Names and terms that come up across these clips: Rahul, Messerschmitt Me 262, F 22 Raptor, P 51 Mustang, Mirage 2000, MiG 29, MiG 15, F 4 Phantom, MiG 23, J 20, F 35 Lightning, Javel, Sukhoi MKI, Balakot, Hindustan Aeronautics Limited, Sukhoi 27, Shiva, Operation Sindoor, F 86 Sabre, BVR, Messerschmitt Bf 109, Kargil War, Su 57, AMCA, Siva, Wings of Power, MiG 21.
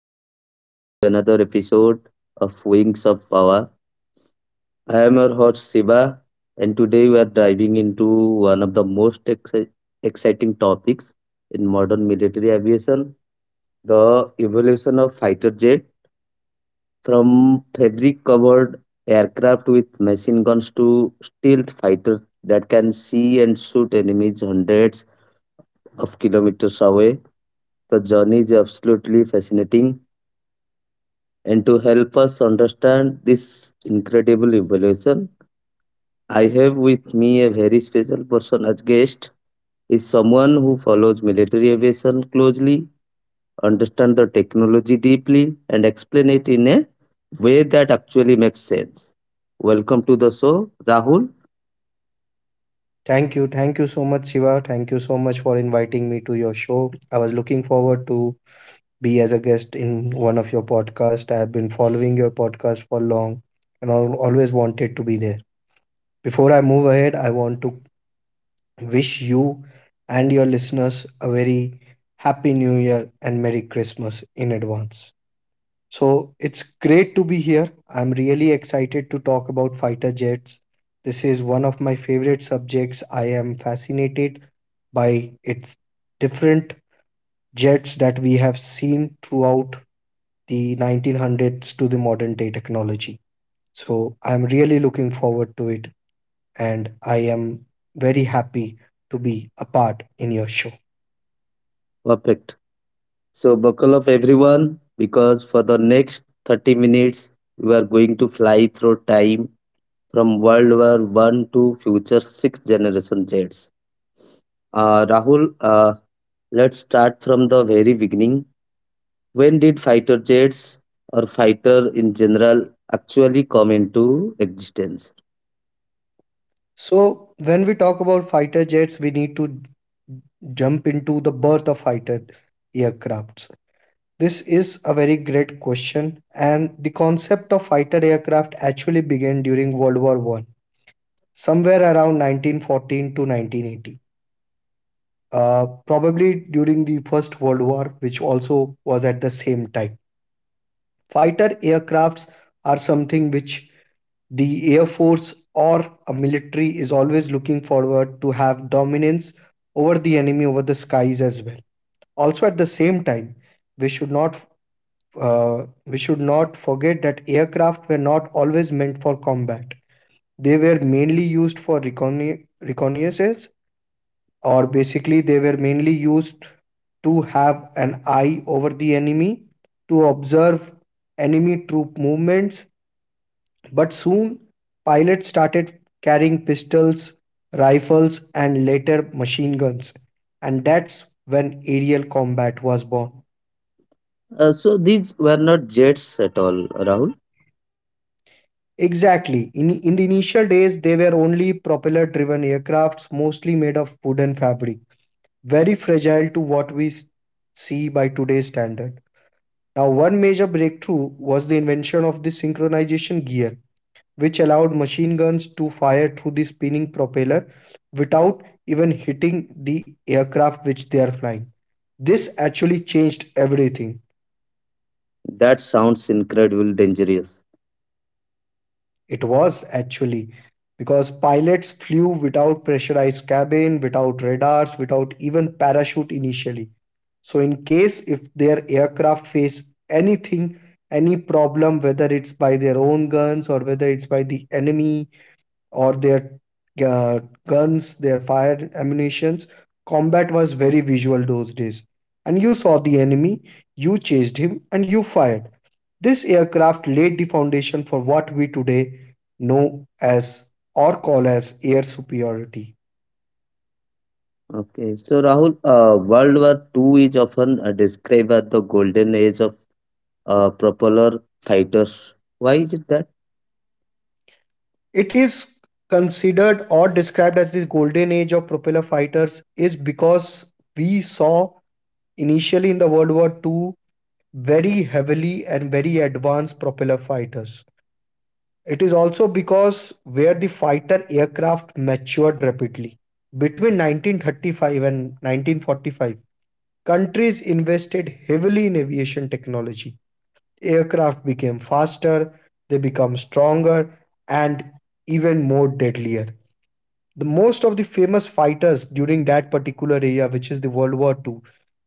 and welcome back to another episode of Wings of Power. I am your host Siva, and today we are diving into one of the most exciting topics in modern military aviation the evolution of fighter jet from fabric covered aircraft with machine guns to stealth fighters that can see and shoot enemies hundreds of kilometers away. The journey is absolutely fascinating. And to help us understand this incredible evolution, I have with me a very special person as guest. Is someone who follows military aviation closely, understands the technology deeply, and explain it in a way that actually makes sense. Welcome to the show, Rahul. Thank you. Thank you so much, Shiva. Thank you so much for inviting me to your show. I was looking forward to be as a guest in one of your podcasts. I have been following your podcast for long and I always wanted to be there. Before I move ahead, I want to wish you and your listeners a very happy new year and Merry Christmas in advance. So it's great to be here. I'm really excited to talk about fighter jets. This is one of my favorite subjects. I am fascinated by its different jets that we have seen throughout the 1900s to the modern day technology. So I'm really looking forward to it and I am very happy to be a part in your show. Perfect. So buckle up, everyone, because for the next 30 minutes, we are going to fly through time from World War One to future sixth generation jets. Rahul, let's start from the very beginning. When did fighter jets or fighter in general actually come into existence? So when we talk about fighter jets, we need to jump into the birth of fighter aircrafts. This is a very great question, and the concept of fighter aircraft actually began during World War One, somewhere around 1914 to 1980. Probably during the First World War, which also was at the same time. Fighter aircrafts are something which the air force or a military is always looking forward to have dominance over the enemy over the skies as well, also at the same time we should not, uh, we should not forget that aircraft were not always meant for combat. They were mainly used for reconnaissance, or basically they were mainly used to have an eye over the enemy, to observe enemy troop movements. But soon, pilots started carrying pistols, rifles, and later machine guns. And that's when aerial combat was born. So these were not jets at all, Rahul. Exactly. In the initial days, they were only propeller driven aircrafts, mostly made of wood and fabric, very fragile to what we see by today's standard. Now, one major breakthrough was the invention of the synchronization gear, which allowed machine guns to fire through the spinning propeller without even hitting the aircraft which they are flying. This actually changed everything. That sounds incredibly dangerous. It was actually because pilots flew without pressurized cabin, without radars, without even parachute initially. So, in case if their aircraft face anything, any problem, whether it's by their own guns or whether it's by the enemy or their, uh, guns, their fire ammunitions. Combat was very visual those days. And you saw the enemy, you chased him, and you fired. This aircraft laid the foundation for what we today know as or call as air superiority. Okay, so Rahul, World War Two is often described as the golden age of propeller fighters. Why is it that? It is considered or described as the golden age of propeller fighters is because we saw initially in the World War Two very heavily and very advanced propeller fighters. It is also because where the fighter aircraft matured rapidly. Between 1935 and 1945, countries invested heavily in aviation technology. Aircraft became faster, they became stronger, and even more deadlier. The most of the famous fighters during that particular era, which is the World War II,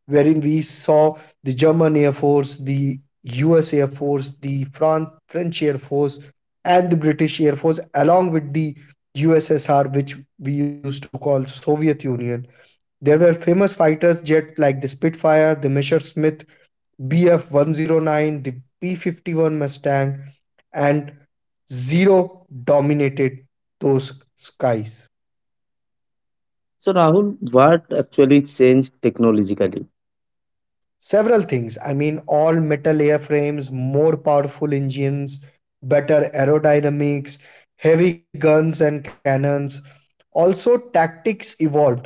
wherein we saw the German Air Force, the US Air Force, the French Air Force, and the British Air Force, along with the USSR, which we used to call Soviet Union. There were famous fighters jets like the Spitfire, the Messerschmitt Bf 109, the P 51 Mustang, and Zero dominated those skies. So Rahul, what actually changed technologically? Several things. I mean, all metal airframes, more powerful engines, better aerodynamics, heavy guns and cannons. Also, tactics evolved,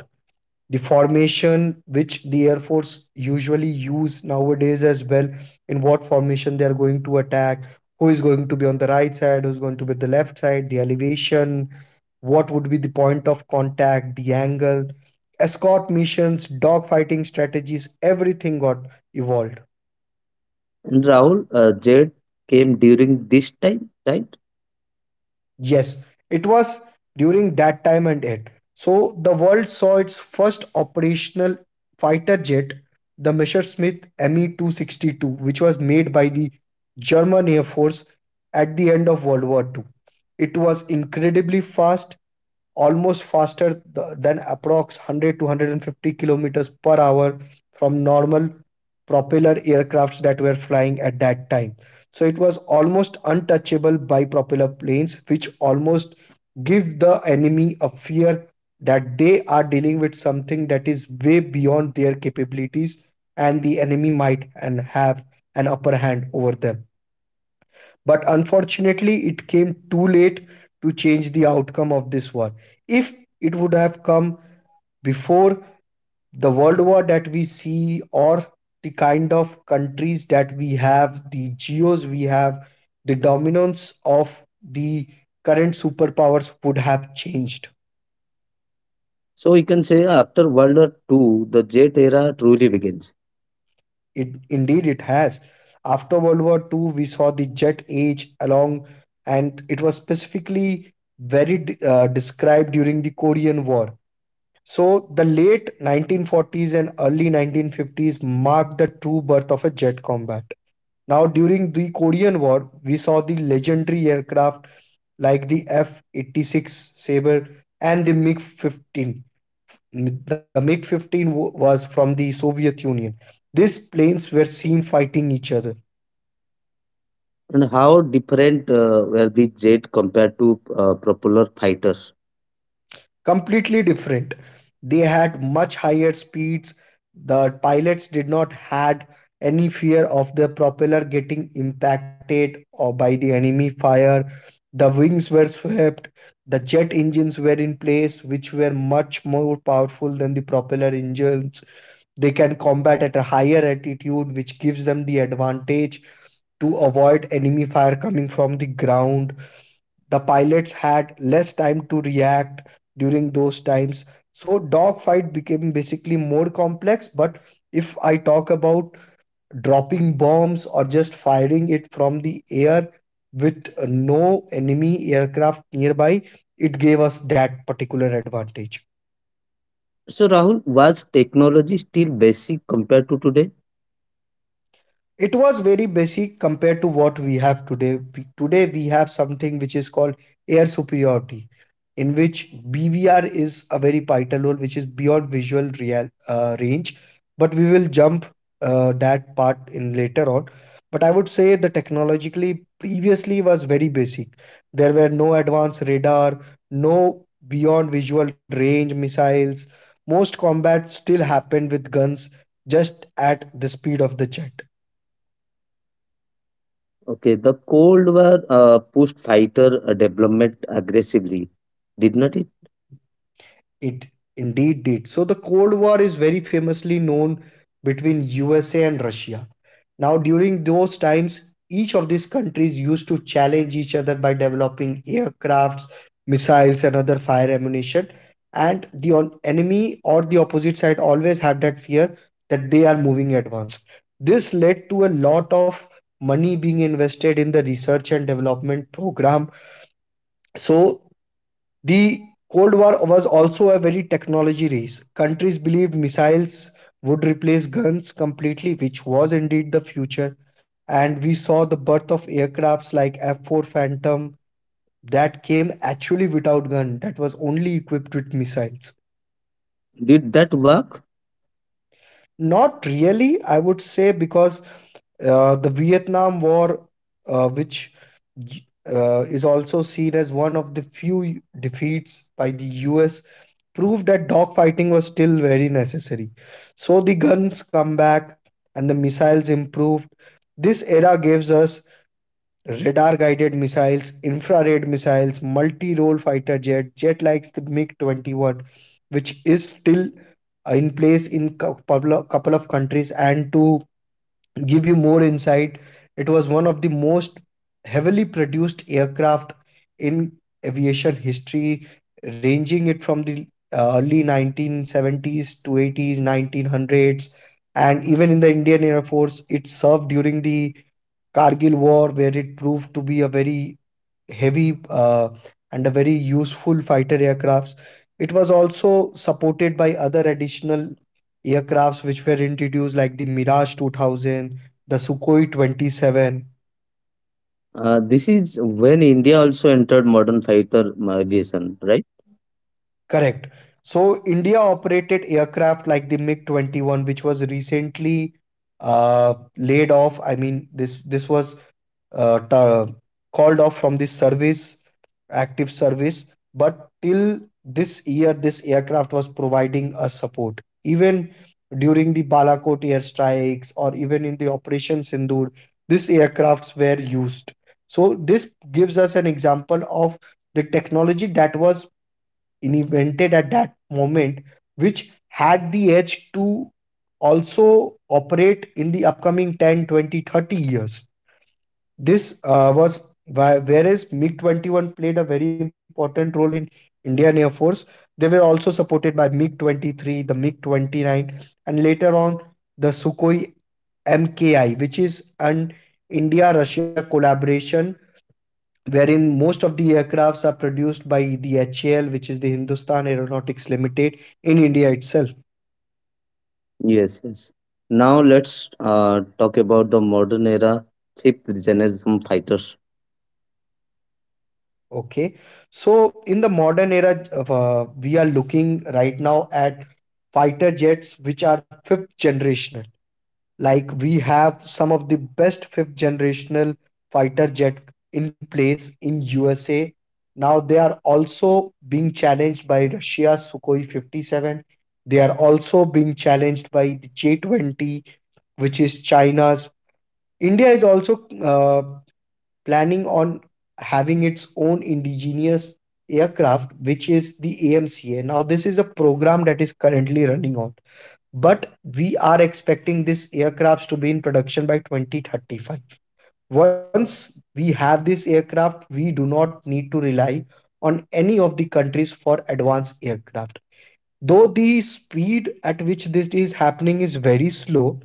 the formation which the air force usually use nowadays as well, in what formation they are going to attack, who is going to be on the right side, who's going to be the left side, the elevation, what would be the point of contact, the angle, escort missions, dogfighting strategies, everything got evolved. And Rahul, jet came during this time, right? Yes, it was during that time and it. So the world saw its first operational fighter jet, the Messerschmitt Me 262, which was made by the German Air Force at the end of World War Two. It was incredibly fast, almost faster than approx 100 to 150 kilometers per hour from normal propeller aircrafts that were flying at that time. So it was almost untouchable by propeller planes, which almost give the enemy a fear that they are dealing with something that is way beyond their capabilities and the enemy might and have an upper hand over them. But unfortunately, it came too late to change the outcome of this war. If it would have come before the world war that we see, or the kind of countries that we have, the geos we have, the dominance of the current superpowers would have changed. So we can say after World War II, the jet era truly begins. It indeed it has. After World War Two, we saw the jet age along, and it was specifically very, described during the Korean War. So, the late 1940s and early 1950s marked the true birth of a jet combat. Now, during the Korean War, we saw the legendary aircraft like the F 86 Sabre and the MiG 15. The MiG 15 was from the Soviet Union. These planes were seen fighting each other. And how different were the jet compared to propeller fighters? Completely different. They had much higher speeds. The pilots did not had any fear of the propeller getting impacted or by the enemy fire. The wings were swept. The jet engines were in place, which were much more powerful than the propeller engines. They can combat at a higher altitude, which gives them the advantage to avoid enemy fire coming from the ground. The pilots had less time to react during those times. So dogfight became basically more complex. But if I talk about dropping bombs or just firing it from the air with no enemy aircraft nearby, it gave us that particular advantage. So Rahul, was technology still basic compared to today? It was very basic compared to what we have today. Today we have something which is called air superiority, in which BVR is a very vital role, which is beyond visual real range. But we will jump that part in later on. But I would say the technologically previously was very basic. There were no advanced radar, no beyond visual range missiles. Most combat still happened with guns, just at the speed of the jet. Okay, the Cold War pushed fighter development aggressively, did not it? It indeed did. So the Cold War is very famously known between USA and Russia. Now, during those times, each of these countries used to challenge each other by developing aircrafts, missiles, and other fire ammunition. And the enemy or the opposite side always had that fear that they are moving advanced. This led to a lot of money being invested in the research and development program. So the Cold War was also a very technology race. Countries believed missiles would replace guns completely, which was indeed the future. And we saw the birth of aircrafts like F 4 Phantom that came actually without gun, that was only equipped with missiles. Did that work? Not really, I would say, because the Vietnam War, which is also seen as one of the few defeats by the US proved that dogfighting was still very necessary. So the guns come back and the missiles improved. This era gives us radar guided missiles, infrared missiles, multi role fighter jet, jet like the MiG 21, which is still in place in a couple of countries. And to give you more insight, it was one of the most heavily produced aircraft in aviation history, ranging it from the early 1970s to 80s, 1900s, and even in the Indian Air Force, it served during the Kargil War, where it proved to be a very heavy and a very useful fighter aircrafts. It was also supported by other additional aircrafts which were introduced, like the Mirage 2000, the Sukhoi 27. This is when India also entered modern fighter aviation, right? Correct. So, India operated aircraft like the MiG 21, which was recently laid off. I mean, this was uh, ta- called off from the service, active service, but till this year, this aircraft was providing us support. Even during the Balakot airstrikes or even in the Operation Sindoor, these aircrafts were used. So, this gives us an example of the technology that was invented at that moment, which had the edge to also operate in the upcoming 10, 20, 30 years. This was why, whereas MiG 21 played a very important role in Indian Air Force, they were also supported by MiG 23, the MiG 29, and later on the Sukhoi MKI, which is an India Russia collaboration wherein most of the aircrafts are produced by the HAL, which is the Hindustan Aeronautics Limited, in India itself. Yes, yes. Now let's talk about the modern era fifth generation fighters. Okay. So in the modern era, we are looking right now at fighter jets which are fifth generational. Like we have some of the best fifth generational fighter jet in place in USA. Now they are also being challenged by Russia Sukhoi 57. They are also being challenged by the J-20, which is China's. India is also planning on having its own indigenous aircraft, which is the AMCA. Now, this is a program that is currently running on, but we are expecting this aircrafts to be in production by 2035. Once we have this aircraft, we do not need to rely on any of the countries for advanced aircraft. Though the speed at which this is happening is very slow,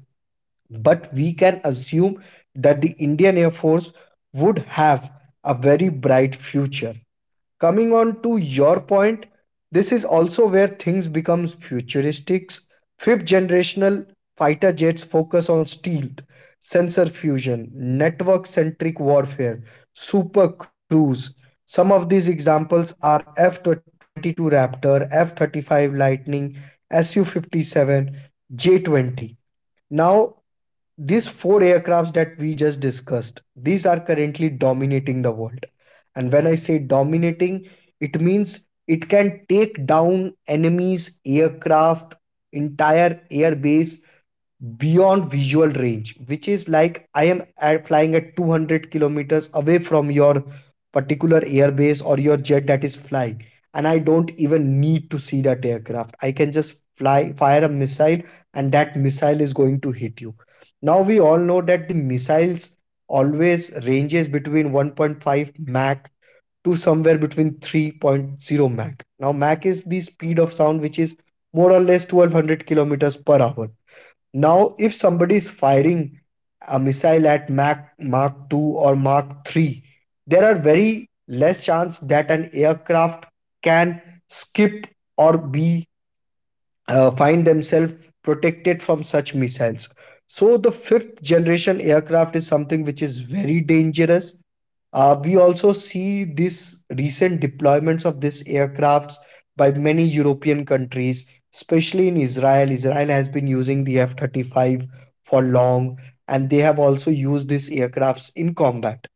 but we can assume that the Indian Air Force would have a very bright future. Coming on to your point, this is also where things become futuristic. Fifth generational fighter jets focus on stealth, sensor fusion, network centric warfare, super cruise. Some of these examples are F 22 Raptor, F 35 Lightning, Su 57, J 20. Now, these four aircrafts that we just discussed these are currently dominating the world, and when I say dominating, it means it can take down enemies aircraft, entire airbase, beyond visual range, which is like I am at flying at 200 kilometers away from your particular airbase or your jet that is flying, and I don't even need to see that aircraft. I can just fly fire a missile, and that missile is going to hit you. Now, we all know that the missiles always ranges between 1.5 mach to somewhere between 3.0 mach. Now, mach is the speed of sound, which is more or less 1200 kilometers per hour. Now, if somebody is firing a missile at Mach 2 or Mach 3, there are very less chance that an aircraft can skip or be find themselves protected from such missiles. So the fifth generation aircraft is something which is very dangerous. We also see these recent deployments of these aircrafts by many European countries, especially in Israel. Israel has been using the F 35 for long, and they have also used these aircrafts in combat.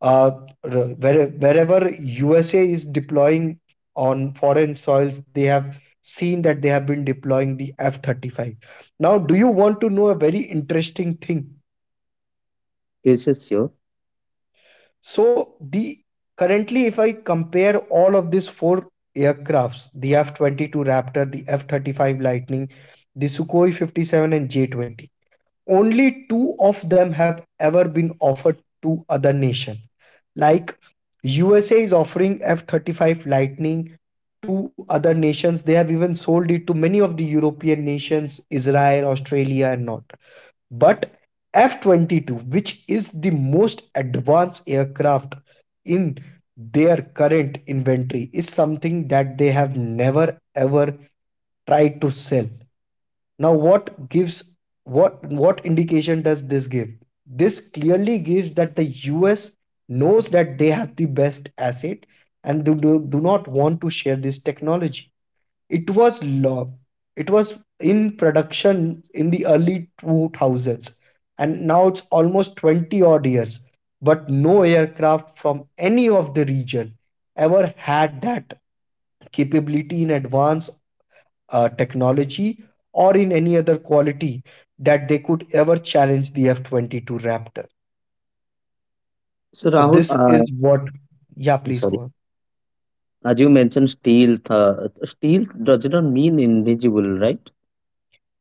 Uh, Wherever USA is deploying on foreign soils, they have seen that they have been deploying the F 35. Now, do you want to know a very interesting thing? Yes, yes, sure. So the currently, if I compare all of these four aircrafts, the F-22 Raptor, the F-35 Lightning, the Sukhoi 57 and J-20, only two of them have ever been offered to other nation. Like USA is offering F-35 Lightning to other nations. They have even sold it to many of the European nations, Israel, Australia, and not. But F-22, which is the most advanced aircraft in their current inventory, is something that they have never ever tried to sell. Now, what gives, what indication does this give? This clearly gives that the US knows that they have the best asset, and they do not want to share this technology. It was lo- it was in production in the early 2000s, and now it's almost 20 odd years, but no aircraft from any of the region ever had that capability in advanced technology or in any other quality that they could ever challenge the F-22 Raptor. So So Rahul, this uh, is what, yeah, please go sorry, on. as you mentioned, steel. Steel does not mean invisible, right?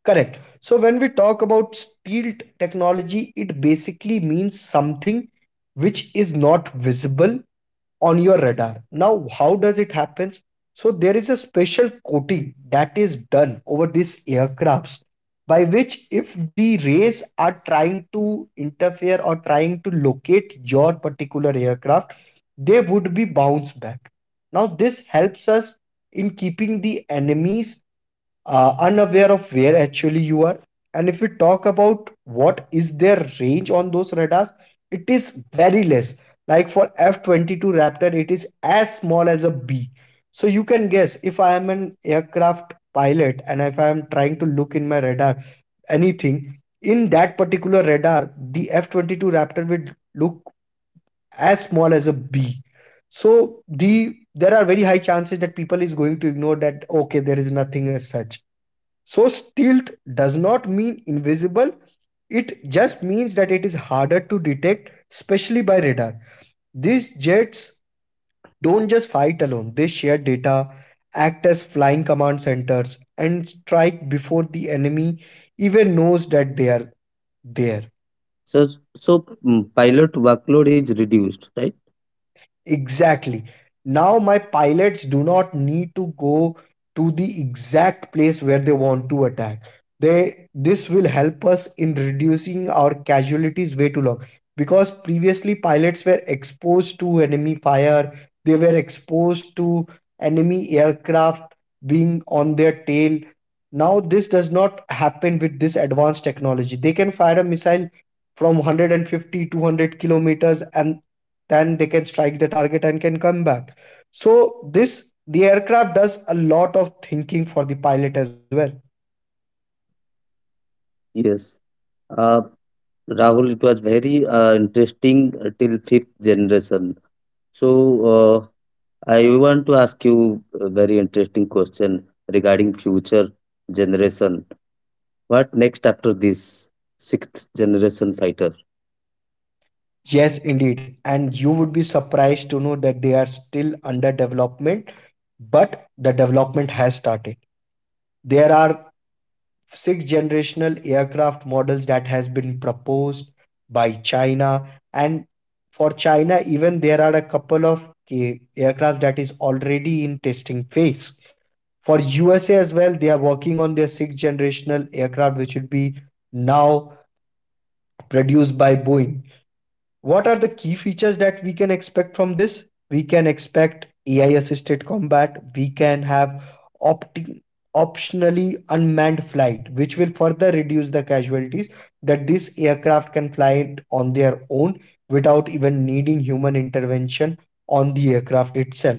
Correct. So when we talk about stealth technology, it basically means something which is not visible on your radar. Now, how does it happen? So there is a special coating that is done over these aircrafts by which if the rays are trying to interfere or trying to locate your particular aircraft, they would be bounced back. Now this helps us in keeping the enemies unaware of where actually you are. And if we talk about what is their range on those radars, it is very less, like for F-22 Raptor, it is as small as a bee. So you can guess, if I am an aircraft pilot and if I am trying to look in my radar anything, in that particular radar, the F-22 Raptor would look as small as a bee. So the there are very high chances that people is going to ignore that okay, there is nothing as such. So stealth does not mean invisible. It just means that it is harder to detect, especially by radar. These jets don't just fight alone, they share data, act as flying command centers, and strike before the enemy even knows that they are there. So, so, pilot workload is reduced, right? Exactly. Now my pilots do not need to go to the exact place where they want to attack. They this will help us in reducing our casualties way too long, because previously pilots were exposed to enemy fire, they were exposed to enemy aircraft being on their tail. Now this does not happen with this advanced technology. They can fire a missile from 150 200 kilometers, and then they can strike the target and can come back. So this the aircraft does a lot of thinking for the pilot as well. Yes. Uh, Rahul, it was very interesting till fifth generation. So, I want to ask you a very interesting question regarding future generation. What next after this sixth generation fighter? Yes, indeed. And you would be surprised to know that they are still under development, but the development has started. There are six generational aircraft models that has been proposed by China, and for China even there are a couple of aircraft that is already in testing phase. For USA as well, they are working on their sixth generational aircraft, which would be now produced by Boeing. What are the key features that we can expect from this? We can expect AI assisted combat, we can have opti- optionally unmanned flight, which will further reduce the casualties, that this aircraft can fly it on their own without even needing human intervention on the aircraft itself.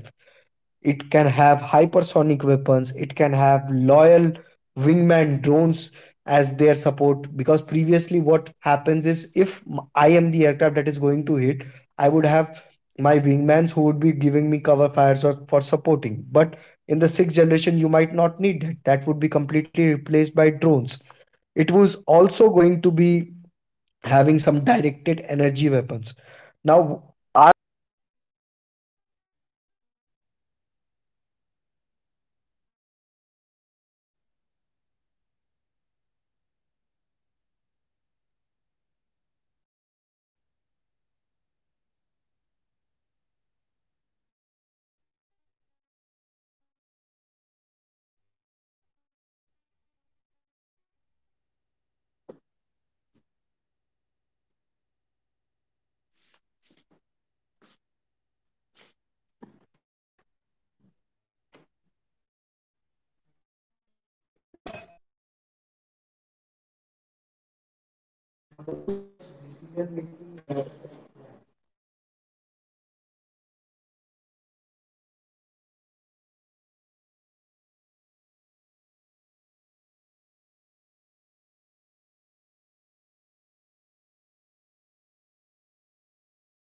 It can have hypersonic weapons, it can have loyal wingman drones as their support, because previously what happens is if I am the aircraft that is going to hit, I would have my wingmans who would be giving me cover fires or for supporting, but in the sixth generation you might not need that. That would be completely replaced by drones. It was also going to be having some directed energy weapons now